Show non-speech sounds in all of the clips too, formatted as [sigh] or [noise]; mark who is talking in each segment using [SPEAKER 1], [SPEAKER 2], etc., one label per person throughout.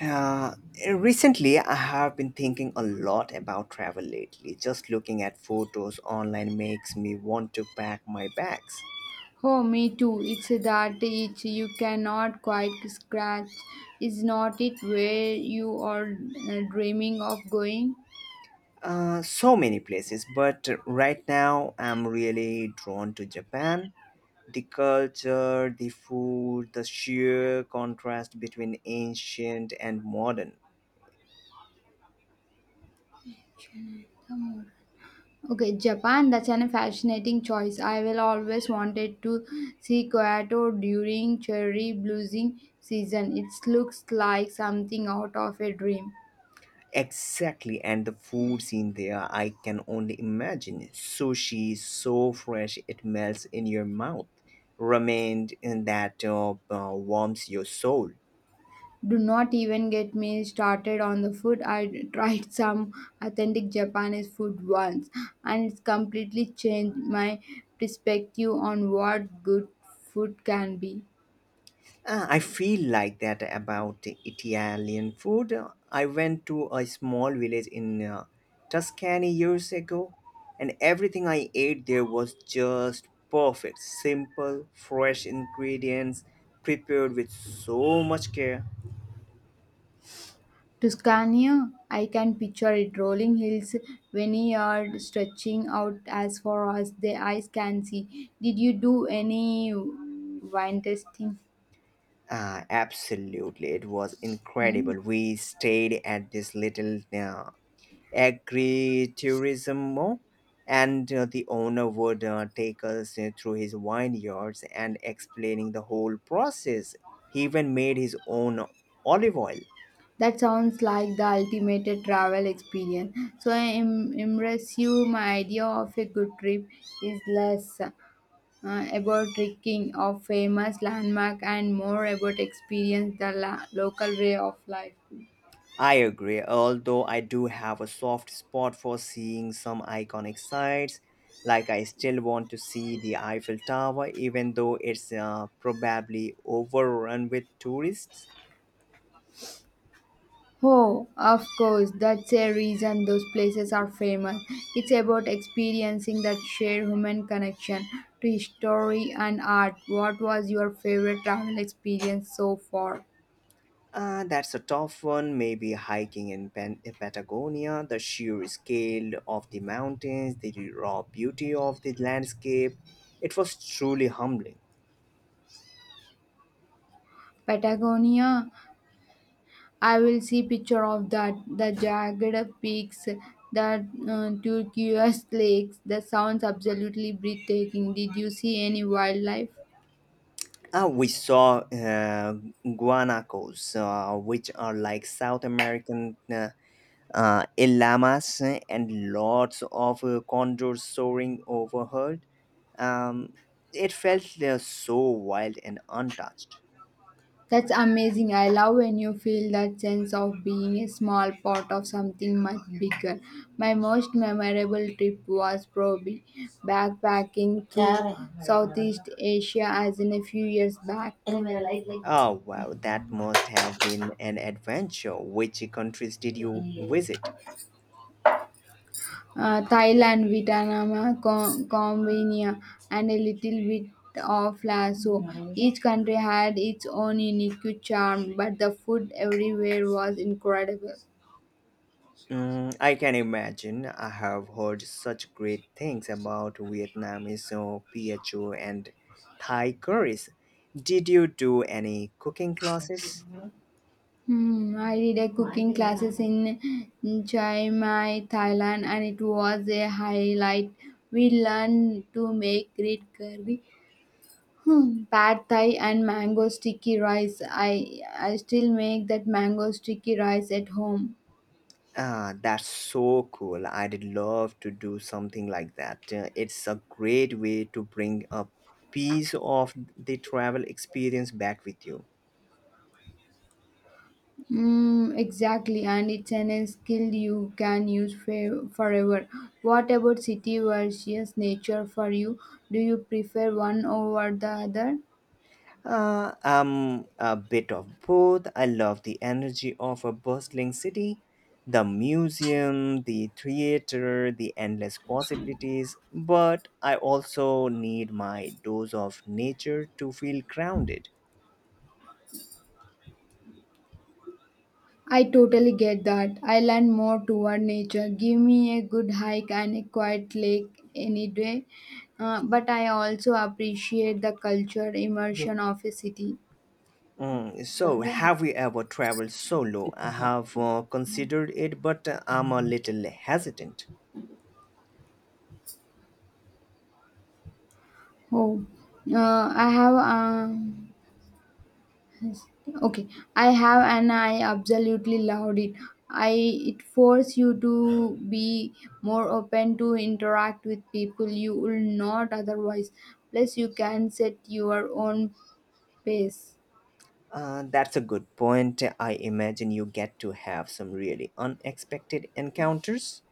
[SPEAKER 1] Uh, Recently, I have been thinking a lot about travel lately. Just looking at photos online makes me want to pack my bags.
[SPEAKER 2] Oh, me too. It's that itch you cannot quite scratch. Is not it where you are dreaming of going?
[SPEAKER 1] So many places, but right now I'm really drawn to Japan. The culture, the food, the sheer contrast between ancient and modern.
[SPEAKER 2] Okay, Japan, that's an fascinating choice. I will always wanted to see Kyoto during cherry blooming season. It looks like something out of a dream.
[SPEAKER 1] Exactly, and the food scene there, I can only imagine. Sushi, so fresh it melts in your mouth. Ramen in that warms your soul.
[SPEAKER 2] Do not even get me started on the food. I tried [laughs] some authentic Japanese food once and it's completely changed my perspective on what good food can be.
[SPEAKER 1] I feel like that about the Italian food. I went to a small village in Tuscany years ago, and everything I ate there was just perfect. Simple, fresh ingredients prepared with so much care.
[SPEAKER 2] Tuscania, I can picture it rolling hills, vineyard stretching out as far as the eyes can see. Did you do any wine tasting?
[SPEAKER 1] Absolutely, it was
[SPEAKER 2] Hmm?
[SPEAKER 1] incredible. We stayed at this little agritourism and the owner would take us through his vineyards and explaining the whole process. He even made his own olive oil.
[SPEAKER 2] That sounds like the ultimate travel experience. So impress you. My idea of a good trip is less about trekking of famous landmark and more about experience the local way of life.
[SPEAKER 1] I agree, although I do have a soft spot for seeing some iconic sites. Like, I still want to see the Eiffel Tower, even though it's probably overrun with tourists.
[SPEAKER 2] Oh, of course, that's a reason those places are famous. It's about experiencing that shared human connection to history and art. What was your favorite travel experience so far?
[SPEAKER 1] That's a tough one. Maybe hiking in in Patagonia, the sheer scale of the mountains, the raw beauty of the landscape. It was truly humbling.
[SPEAKER 2] Patagonia? I will see picture of that. The jagged peaks, the turquoise lakes. That sounds absolutely breathtaking. Did you see any wildlife?
[SPEAKER 1] We saw guanacos, which are like South American a llamas and lots of condors soaring overhead. Um, it felt so wild and untouched.
[SPEAKER 2] That's amazing. I love when you feel that sense of being a small part of something much bigger. My most memorable trip was probably backpacking through Southeast Asia as in a few years back.
[SPEAKER 1] Oh wow, that must have been an adventure. Which countries did you visit?
[SPEAKER 2] Thailand, Vietnam, Cambodia, and a little bit of Laos. Each country had its own unique charm, but the food everywhere was incredible.
[SPEAKER 1] Mm, I can imagine. I have heard such great things about Vietnamese PHO and Thai curries. Did you do any cooking classes?
[SPEAKER 2] Hmm, I did a cooking classes in Chiang Mai, Thailand, and it was a highlight. We learned to make great curry, hmm, pad thai, and mango sticky rice. I still make that mango sticky rice at home.
[SPEAKER 1] Ah, that's so cool. I'd love to do something like that. It's a great way to bring a piece of the travel experience back with you.
[SPEAKER 2] Mm, exactly, and it's an skill you can use forever. What about city versus nature for you? Do you prefer one over the other?
[SPEAKER 1] I'm a bit of both. I love the energy of a bustling city, the museum, the theater, the endless possibilities, but I also need my dose of nature to feel grounded.
[SPEAKER 2] I totally get that. I lean more toward nature. Give me a good hike and a quiet lake any day. But I also appreciate the culture immersion of a city.
[SPEAKER 1] Mm, so, have you ever traveled solo? I have considered it, but I'm a little hesitant.
[SPEAKER 2] Oh, I have. Yes. Okay, I have and I absolutely loved it. I it forced you to be more open to interact with people you will not otherwise. Plus you can set your own pace.
[SPEAKER 1] That's a good point. I imagine you get to have some really unexpected encounters.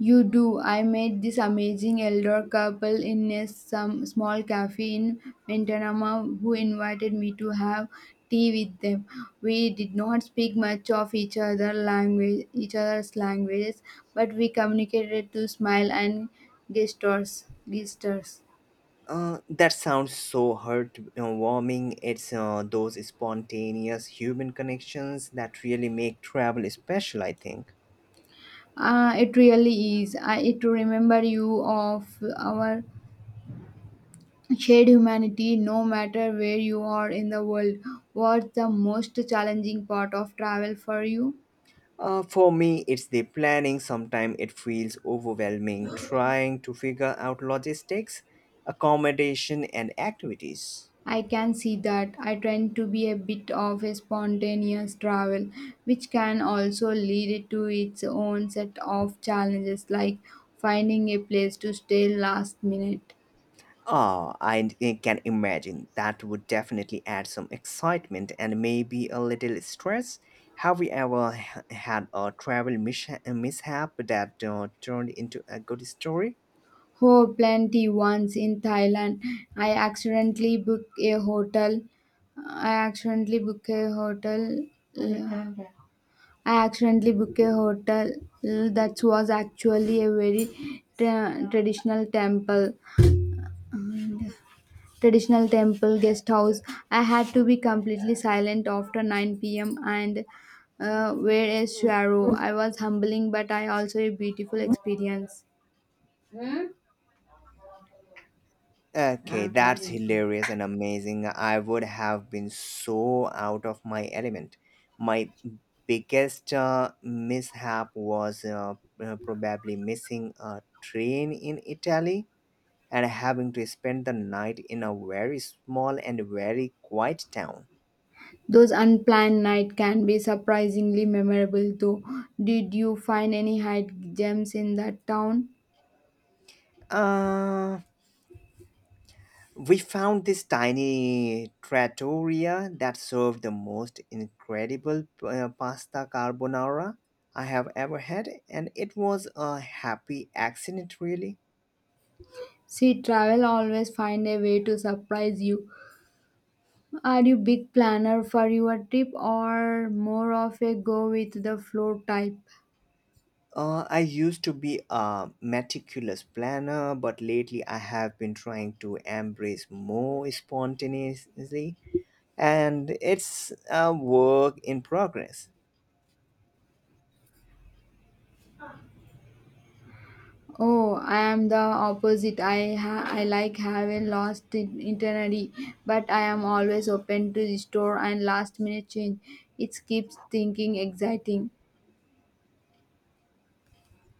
[SPEAKER 2] You do. I met this amazing elder couple in a some small cafe in Mintanama who invited me to have tea with them. We did not speak much of each other's languages, but we communicated through smile and gestures. Gestures.
[SPEAKER 1] That sounds so heartwarming. It's those spontaneous human connections that really make travel special, I think.
[SPEAKER 2] It really is. I it to remember you of our shared humanity no matter where you are in the world. What's the most challenging part of travel for you?
[SPEAKER 1] For me, it's the planning. Sometimes it feels overwhelming trying to figure out logistics, accommodation, and activities.
[SPEAKER 2] I can see that. I tend to be a bit of a spontaneous travel, which can also lead to its own set of challenges, like finding a place to stay last minute.
[SPEAKER 1] Ah, I can imagine that would definitely add some excitement and maybe a little stress. Have you ever had a travel mishap that turned into a good story?
[SPEAKER 2] Oh, plenty. Once in Thailand, I accidentally booked a hotel I accidentally booked a hotel I accidentally booked a hotel that was actually a very traditional traditional temple guest house. I had to be completely silent after 9 p.m. and wear a shadow. I was humbling, but I also a beautiful experience.
[SPEAKER 1] Okay, that's hilarious and amazing. I would have been so out of my element. My biggest mishap was probably missing a train in Italy and having to spend the night in a very small and very quiet town.
[SPEAKER 2] Those unplanned night can be surprisingly memorable too. Did you find any hide gems in that town?
[SPEAKER 1] Uh, We found this tiny trattoria that served the most incredible pasta carbonara I have ever had, and it was a happy accident, really.
[SPEAKER 2] See, travel always find a way to surprise you. Are you big planner for your trip or more of a go with the flow type?
[SPEAKER 1] I used to be a meticulous planner, but lately I have been trying to embrace more spontaneously, and it's a work in progress.
[SPEAKER 2] Oh, I am the opposite. I like having lost itinerary, but I am always open to the store and last minute change. It keeps thinking exciting.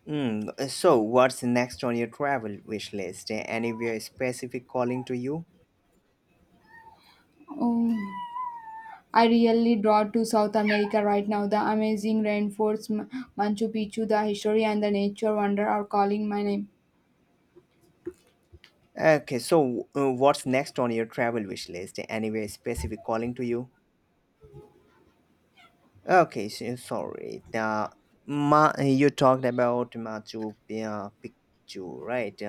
[SPEAKER 1] Mm, so, what's next on your travel wish list? Anywhere specific calling to you?
[SPEAKER 2] Oh, I really draw to South America right now. The amazing rainforest, Machu Picchu, the history and the nature wonder are calling my name.
[SPEAKER 1] Okay, so what's next on your travel wish list? Anyway, specific calling to you? Okay, so, sorry. The you talked about Machu Picchu, right?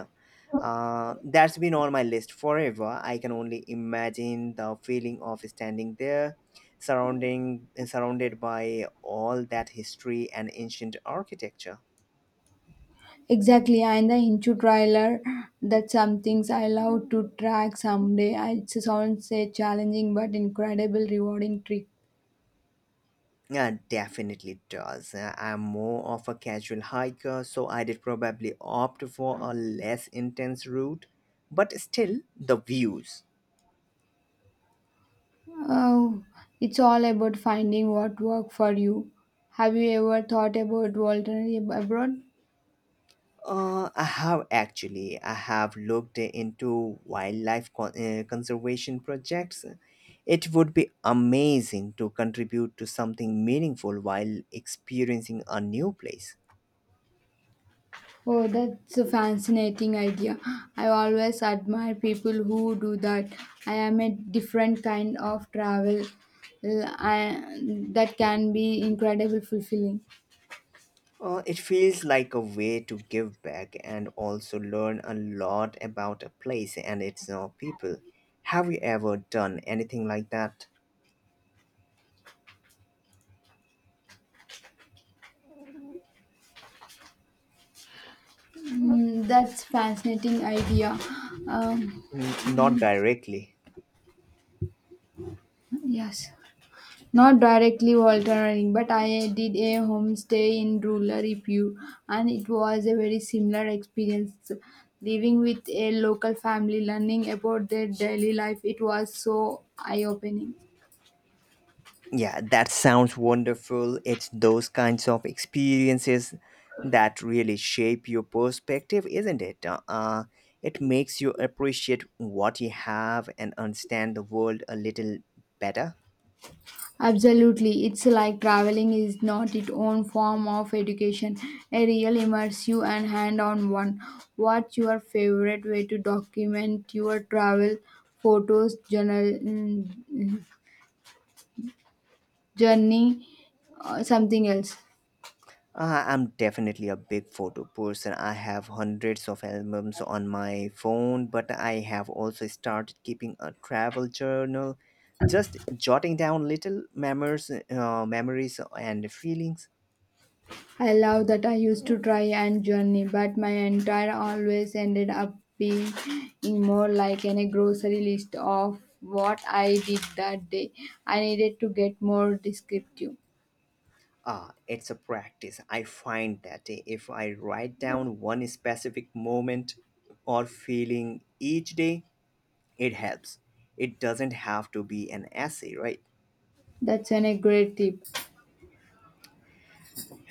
[SPEAKER 1] That's been on my list forever. I can only imagine the feeling of standing there, surrounding surrounded by all that history and ancient architecture.
[SPEAKER 2] Exactly, and the Hinchu trailer, that's some things I love to track someday. I- It sounds a challenging but incredible rewarding trick.
[SPEAKER 1] Yeah, definitely does. I'm more of a casual hiker, so I did probably opt for a less intense route, but still the views.
[SPEAKER 2] Oh, it's all about finding what work for you. Have you ever thought about volunteering abroad?
[SPEAKER 1] I have actually I have looked into wildlife conservation projects. It would be amazing to contribute to something meaningful while experiencing a new place.
[SPEAKER 2] Oh, that's a fascinating idea. I always admire people who do that. I am a different kind of travel. eh, I, that can be incredibly fulfilling.
[SPEAKER 1] It feels like a way to give back and also learn a lot about a place and its people. Have you ever done anything like that?
[SPEAKER 2] Mm, that's fascinating idea. Um,
[SPEAKER 1] Not directly.
[SPEAKER 2] yes, not directly volunteering, but I did a homestay in rural Ipu, and it was a very similar experience. Living with a local family, learning about their daily life, it was so eye-opening.
[SPEAKER 1] Yeah, that sounds wonderful. It's those kinds of experiences that really shape your perspective, isn't it? It makes you appreciate what you have and understand the world a little better.
[SPEAKER 2] Absolutely. It's like traveling is not its own form of education, a real immersive and hand on one. What's your favorite way to document your travel? Photos, journal, journey, or something else?
[SPEAKER 1] I'm definitely a big photo person. I have hundreds of albums on my phone, but I have also started keeping a travel journal, just jotting down little memories, memories and feelings.
[SPEAKER 2] I love that. I used to try and journey, but my entire always ended up being more like in a grocery list of what I did that day. I needed to get more descriptive.
[SPEAKER 1] Ah, it's a practice. I find that if I write down one specific moment or feeling each day, it helps. It doesn't have to be an essay, right?
[SPEAKER 2] A great tip.